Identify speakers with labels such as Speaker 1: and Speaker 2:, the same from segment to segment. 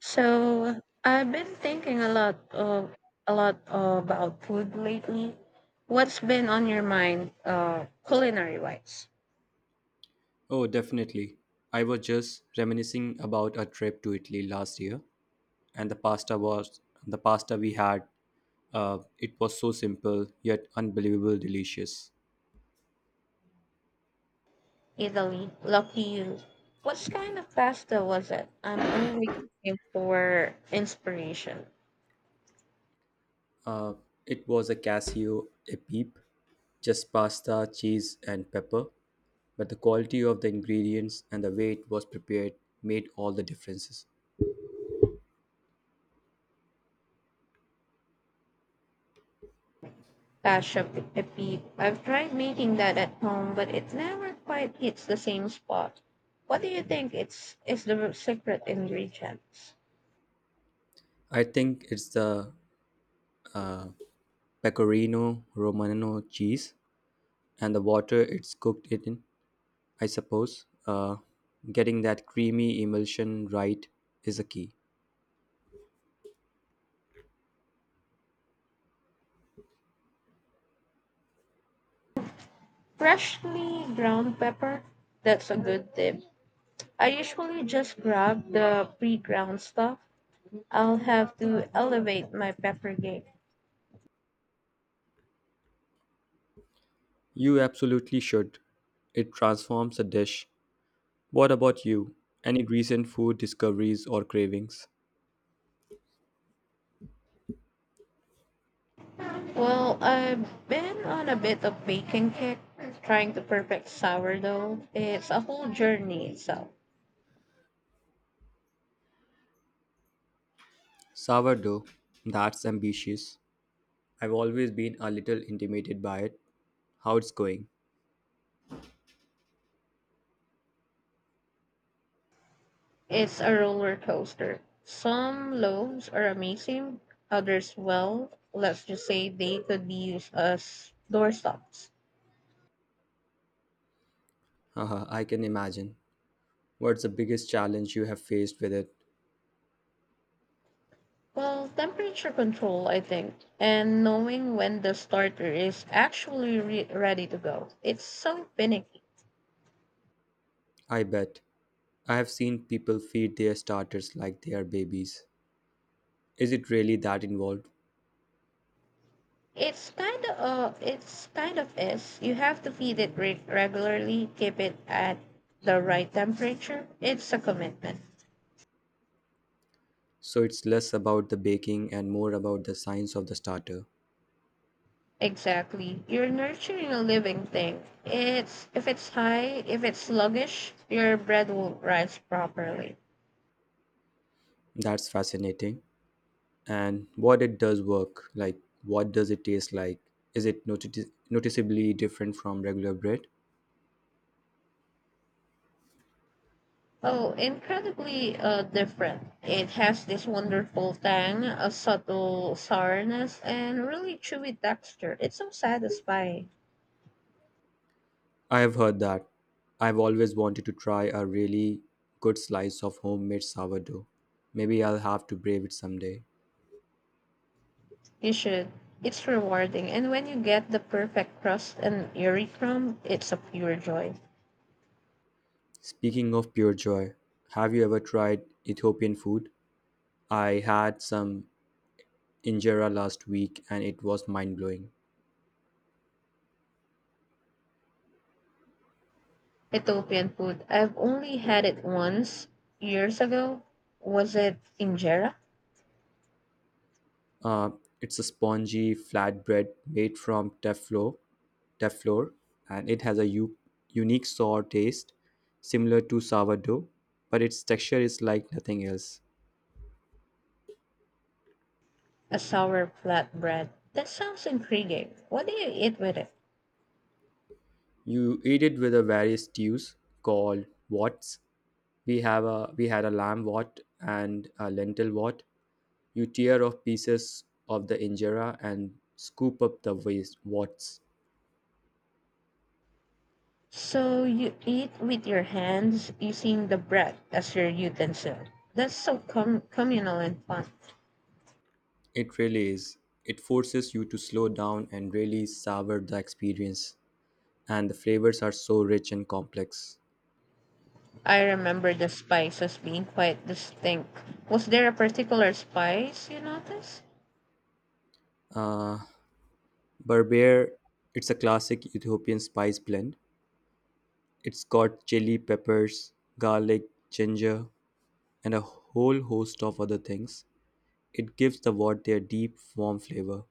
Speaker 1: So I've been thinking a lot about food lately. What's been on your mind, culinary wise?
Speaker 2: Oh, definitely. I was just reminiscing about a trip to Italy last year, and the pasta we had. It was so simple yet unbelievable delicious.
Speaker 1: Italy, lucky you. What kind of pasta was it? I'm always looking for inspiration.
Speaker 2: Uh, it was a Casio a peep, just pasta, cheese, and pepper. But the quality of the ingredients and the way it was prepared made all the differences.
Speaker 1: Pasha, pepe. I've tried making that at home, but it never quite hits the same spot. What do you think it's is the secret ingredients?
Speaker 2: I think it's the pecorino romano cheese and the water it's cooked it in, I suppose. Getting that creamy emulsion right is a key.
Speaker 1: Freshly ground pepper. That's a good tip. I usually just grab the pre ground stuff. I'll have to elevate my pepper game.
Speaker 2: You absolutely should. It transforms a dish. What about you? Any recent food discoveries or cravings?
Speaker 1: Well, I've been on a bit of baking kick, trying to perfect sourdough. It's a whole journey itself.
Speaker 2: Sourdough, that's ambitious. I've always been a little intimidated by it. How it's going?
Speaker 1: It's a roller coaster. Some loaves are amazing, others, well, let's just say they could be used as doorstops.
Speaker 2: Haha, I can imagine. What's the biggest challenge you have faced with it?
Speaker 1: Well, temperature control, I think, and knowing when the starter is actually ready to go. It's so finicky.
Speaker 2: I bet. I have seen people feed their starters like they are babies. Is it really that involved?
Speaker 1: It's kind of is. You have to feed it regularly, keep it at the right temperature. It's a commitment.
Speaker 2: So it's less about the baking and more about the science of the starter.
Speaker 1: Exactly. You're nurturing a living thing. It's if it's high, if it's sluggish, your bread won't rise properly.
Speaker 2: That's fascinating. And what it does work, like what does it taste like? Is it noticeably different from regular bread?
Speaker 1: Oh, incredibly different. It has this wonderful tang, a subtle sourness, and really chewy texture. It's so satisfying.
Speaker 2: I have heard that. I've always wanted to try a really good slice of homemade sourdough. Maybe I'll have to brave it someday.
Speaker 1: You should. It's rewarding. And when you get the perfect crust and airy crumb, it's a pure joy.
Speaker 2: Speaking of pure joy, have you ever tried Ethiopian food? I had some injera last week and it was mind blowing.
Speaker 1: Ethiopian food. I've only had it once years ago. Was it injera?
Speaker 2: Uh, it's a spongy flatbread made from teflor, and it has a unique sour taste, similar to sourdough, but its texture is like nothing else.
Speaker 1: A sour flatbread. That sounds intriguing. What do you eat with it?
Speaker 2: You eat it with a various stews called wots. We had a lamb wot and a lentil wot. You tear off pieces of the injera and scoop up the waste wots.
Speaker 1: So you eat with your hands using the bread as your utensil. That's so communal and fun.
Speaker 2: It really is. It forces you to slow down and really savor the experience, and the flavors are so rich and complex.
Speaker 1: I remember the spices being quite distinct. Was there a particular spice you noticed?
Speaker 2: Uh, Berber, it's a classic Ethiopian spice blend. It's got chili peppers, garlic, ginger, and a whole host of other things. It gives the wort their deep, warm flavor.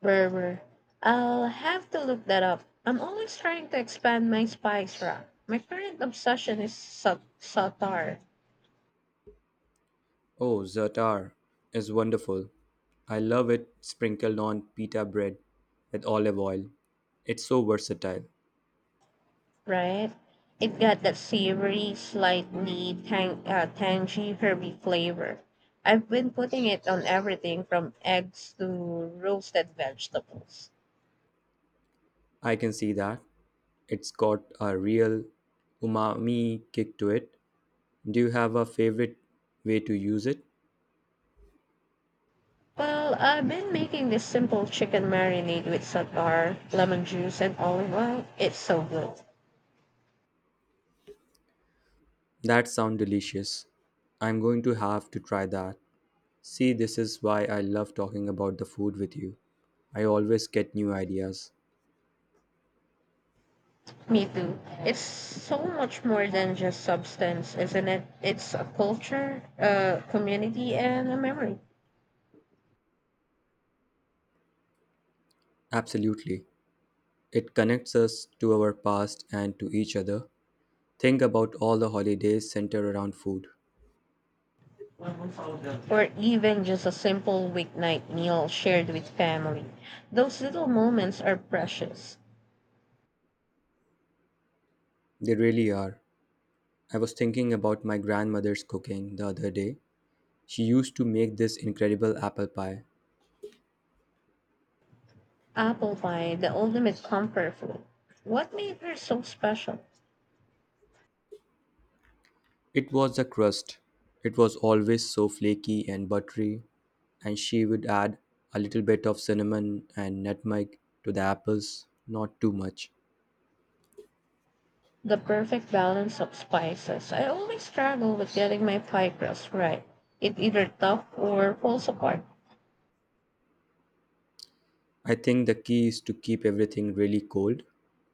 Speaker 1: Berber. I'll have to look that up. I'm always trying to expand my spice rack. My current obsession is satar.
Speaker 2: Oh, za'atar is wonderful. I love it sprinkled on pita bread with olive oil. It's so versatile.
Speaker 1: Right? It got that savory, slightly tangy, herby flavor. I've been putting it on everything from eggs to roasted vegetables.
Speaker 2: I can see that. It's got a real umami kick to it. Do you have a favorite way to use it?
Speaker 1: Well, I've been making this simple chicken marinade with satar, lemon juice, and olive oil. It's so good.
Speaker 2: That sounds delicious. I'm going to have to try that. See, this is why I love talking about the food with you. I always get new ideas.
Speaker 1: Me too. It's so much more than just substance, isn't it? It's a culture, a community, and a memory.
Speaker 2: Absolutely. It connects us to our past and to each other. Think about all the holidays centered around food.
Speaker 1: Or even just a simple weeknight meal shared with family. Those little moments are precious.
Speaker 2: They really are. I was thinking about my grandmother's cooking the other day. She used to make this incredible apple pie.
Speaker 1: Apple pie, the ultimate comfort food. What made her so special?
Speaker 2: It was the crust. It was always so flaky and buttery, and she would add a little bit of cinnamon and nutmeg to the apples, not too much.
Speaker 1: The perfect balance of spices. I always struggle with getting my pie crust right. It either tough or falls apart.
Speaker 2: I think the key is to keep everything really cold: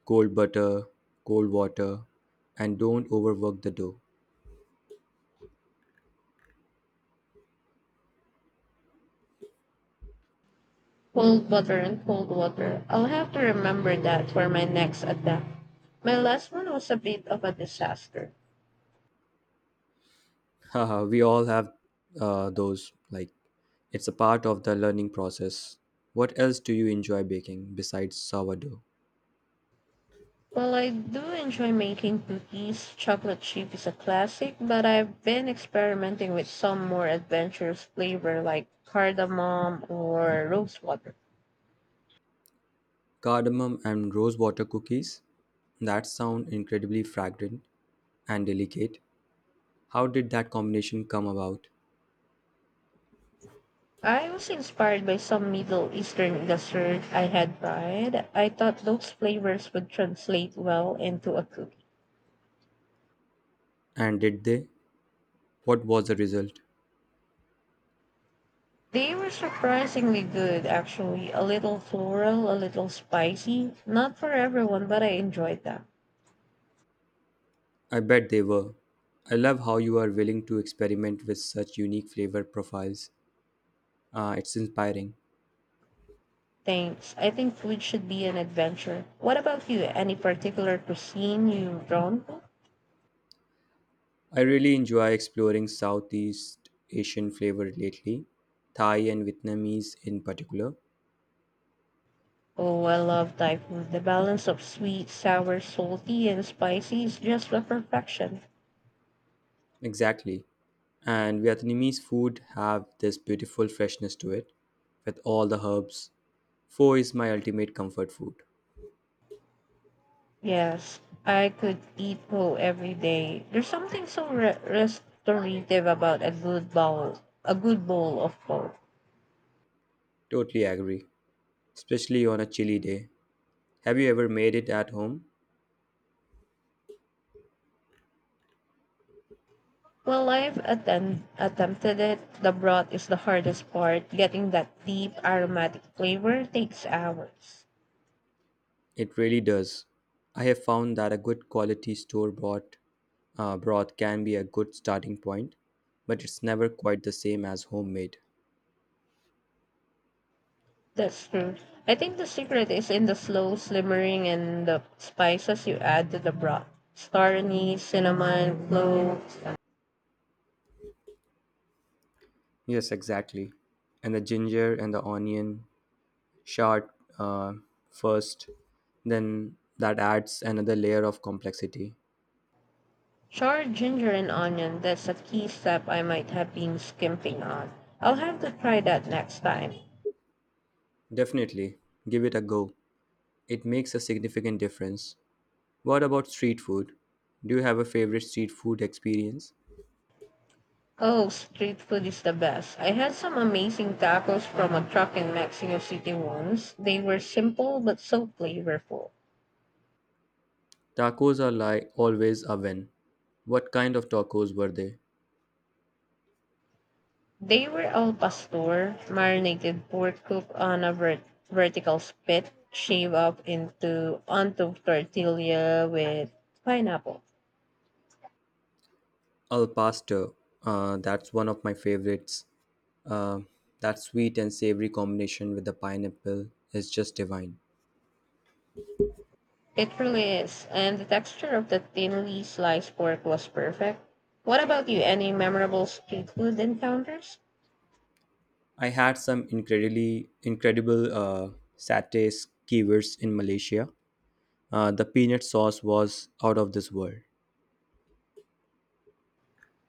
Speaker 2: cold butter, cold water, and don't overwork the dough.
Speaker 1: Cold butter and cold water. I'll have to remember that for my next attempt. My last one was a bit of a disaster.
Speaker 2: Haha, we all have those, like, it's a part of the learning process. What else do you enjoy baking besides sourdough?
Speaker 1: Well, I do enjoy making cookies. Chocolate chip is a classic, but I've been experimenting with some more adventurous flavor like cardamom or rose water.
Speaker 2: Cardamom and rose water cookies? That sound incredibly fragrant and delicate. How did that combination come about?
Speaker 1: I was inspired by some Middle Eastern dessert I had tried. I thought those flavors would translate well into a cookie.
Speaker 2: And did they? What was the result?
Speaker 1: They were surprisingly good, actually. A little floral, a little spicy. Not for everyone, but I enjoyed them.
Speaker 2: I bet they were. I love how you are willing to experiment with such unique flavor profiles. It's inspiring.
Speaker 1: Thanks. I think food should be an adventure. What about you? Any particular cuisine you've drawn to?
Speaker 2: I really enjoy exploring Southeast Asian flavor lately, Thai and Vietnamese in particular.
Speaker 1: Oh, I love Thai food. The balance of sweet, sour, salty, and spicy is just the perfection.
Speaker 2: Exactly. And Vietnamese food have this beautiful freshness to it with all the herbs. Pho is my ultimate comfort food.
Speaker 1: Yes, I could eat whole every day. There's something so restorative about a good bowl of pho.
Speaker 2: Totally agree. Especially on a chilly day. Have you ever made it at home?
Speaker 1: Well, I've attempted it. The broth is the hardest part. Getting that deep aromatic flavor takes hours.
Speaker 2: It really does. I have found that a good quality store bought broth can be a good starting point, but it's never quite the same as homemade.
Speaker 1: That's true. I think the secret is in the slow simmering and the spices you add to the broth. Star anise, cinnamon, cloves,
Speaker 2: Yes, exactly. And the ginger and the onion short, uh, first, then that adds another layer of complexity.
Speaker 1: charred ginger, and onion. That's a key step I might have been skimping on. I'll have to try that next time.
Speaker 2: Definitely, give it a go. It makes a significant difference. What about street food? Do you have a favorite street food experience?
Speaker 1: Oh, street food is the best. I had some amazing tacos from a truck in Mexico City once. They were simple but so flavorful.
Speaker 2: Tacos are like always a win. What kind of tacos were they?
Speaker 1: They were al pastor, marinated pork cooked on a vertical spit, shaved up into onto tortilla with pineapple.
Speaker 2: Al pastor, that's one of my favorites. Uh, that sweet and savory combination with the pineapple is just divine.
Speaker 1: It really is, and the texture of the thinly sliced pork was perfect. What about you? Any memorable street food encounters?
Speaker 2: I had some incredibly incredible satay skewers in Malaysia. The peanut sauce was out of this world.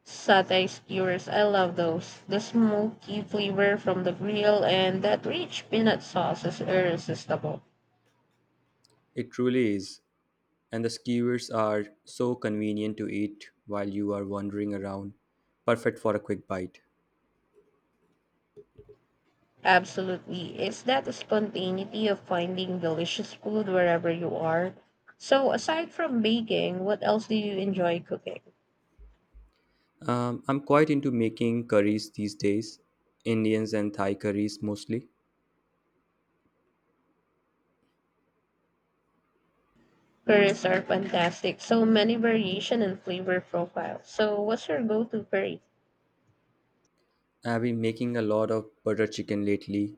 Speaker 1: Satay skewers, I love those. The smoky flavor from the grill and that rich peanut sauce is irresistible.
Speaker 2: It truly is, and the skewers are so convenient to eat while you are wandering around, perfect for a quick bite.
Speaker 1: Absolutely. It's that spontaneity of finding delicious food wherever you are. So, aside from baking, what else do you enjoy cooking?
Speaker 2: I'm quite into making curries these days, Indians and Thai curries mostly.
Speaker 1: Curries are fantastic. So many variation and flavor profiles. So, what's your go-to curry?
Speaker 2: I've been making a lot of butter chicken lately.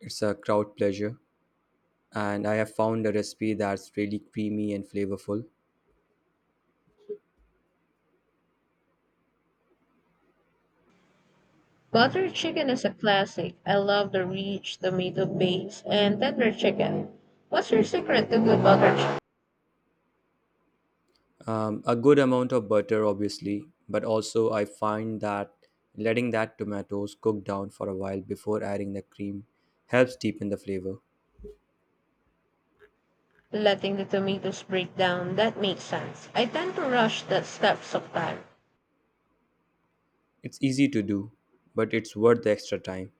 Speaker 2: It's a crowd pleasure, and I have found a recipe that's really creamy and flavorful.
Speaker 1: Butter chicken is a classic. I love the rich tomato base and tender chicken. What's your secret to good butter chicken?
Speaker 2: A good amount of butter obviously, but also I find that letting that tomatoes cook down for a while before adding the cream helps deepen the flavor.
Speaker 1: Letting the tomatoes break down. That makes sense. I tend to rush that step sometimes.
Speaker 2: It's easy to do, but it's worth the extra time,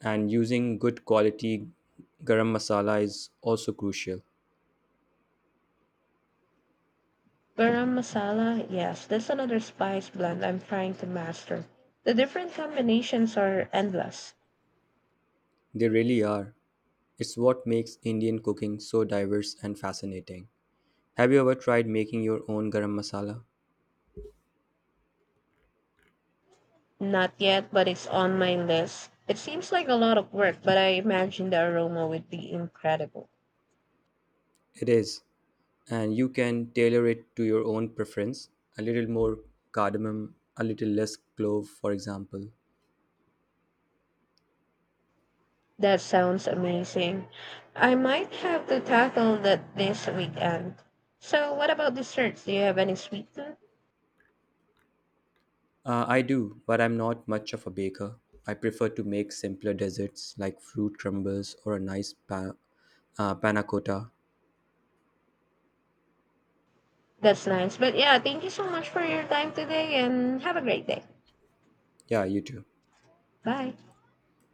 Speaker 2: and using good quality garam masala is also crucial.
Speaker 1: Garam masala, yes, that's another spice blend I'm trying to master. The different combinations are endless.
Speaker 2: They really are. It's what makes indian cooking so diverse and fascinating. Have you ever tried making your own garam masala?
Speaker 1: Not yet, but it's on my list. It seems like a lot of work, but I imagine the aroma would be incredible.
Speaker 2: It is, and you can tailor it to your own preference. A little more cardamom, a little less clove, for example.
Speaker 1: That sounds amazing. I might have to tackle that this weekend. So, what about desserts? Do you have any sweet tooth?
Speaker 2: I do, but I'm not much of a baker. I prefer to make simpler desserts like fruit crumbles or a nice panna cotta.
Speaker 1: That's nice. But yeah, thank you so much for your time today and have a great day.
Speaker 2: Yeah, you too.
Speaker 1: Bye.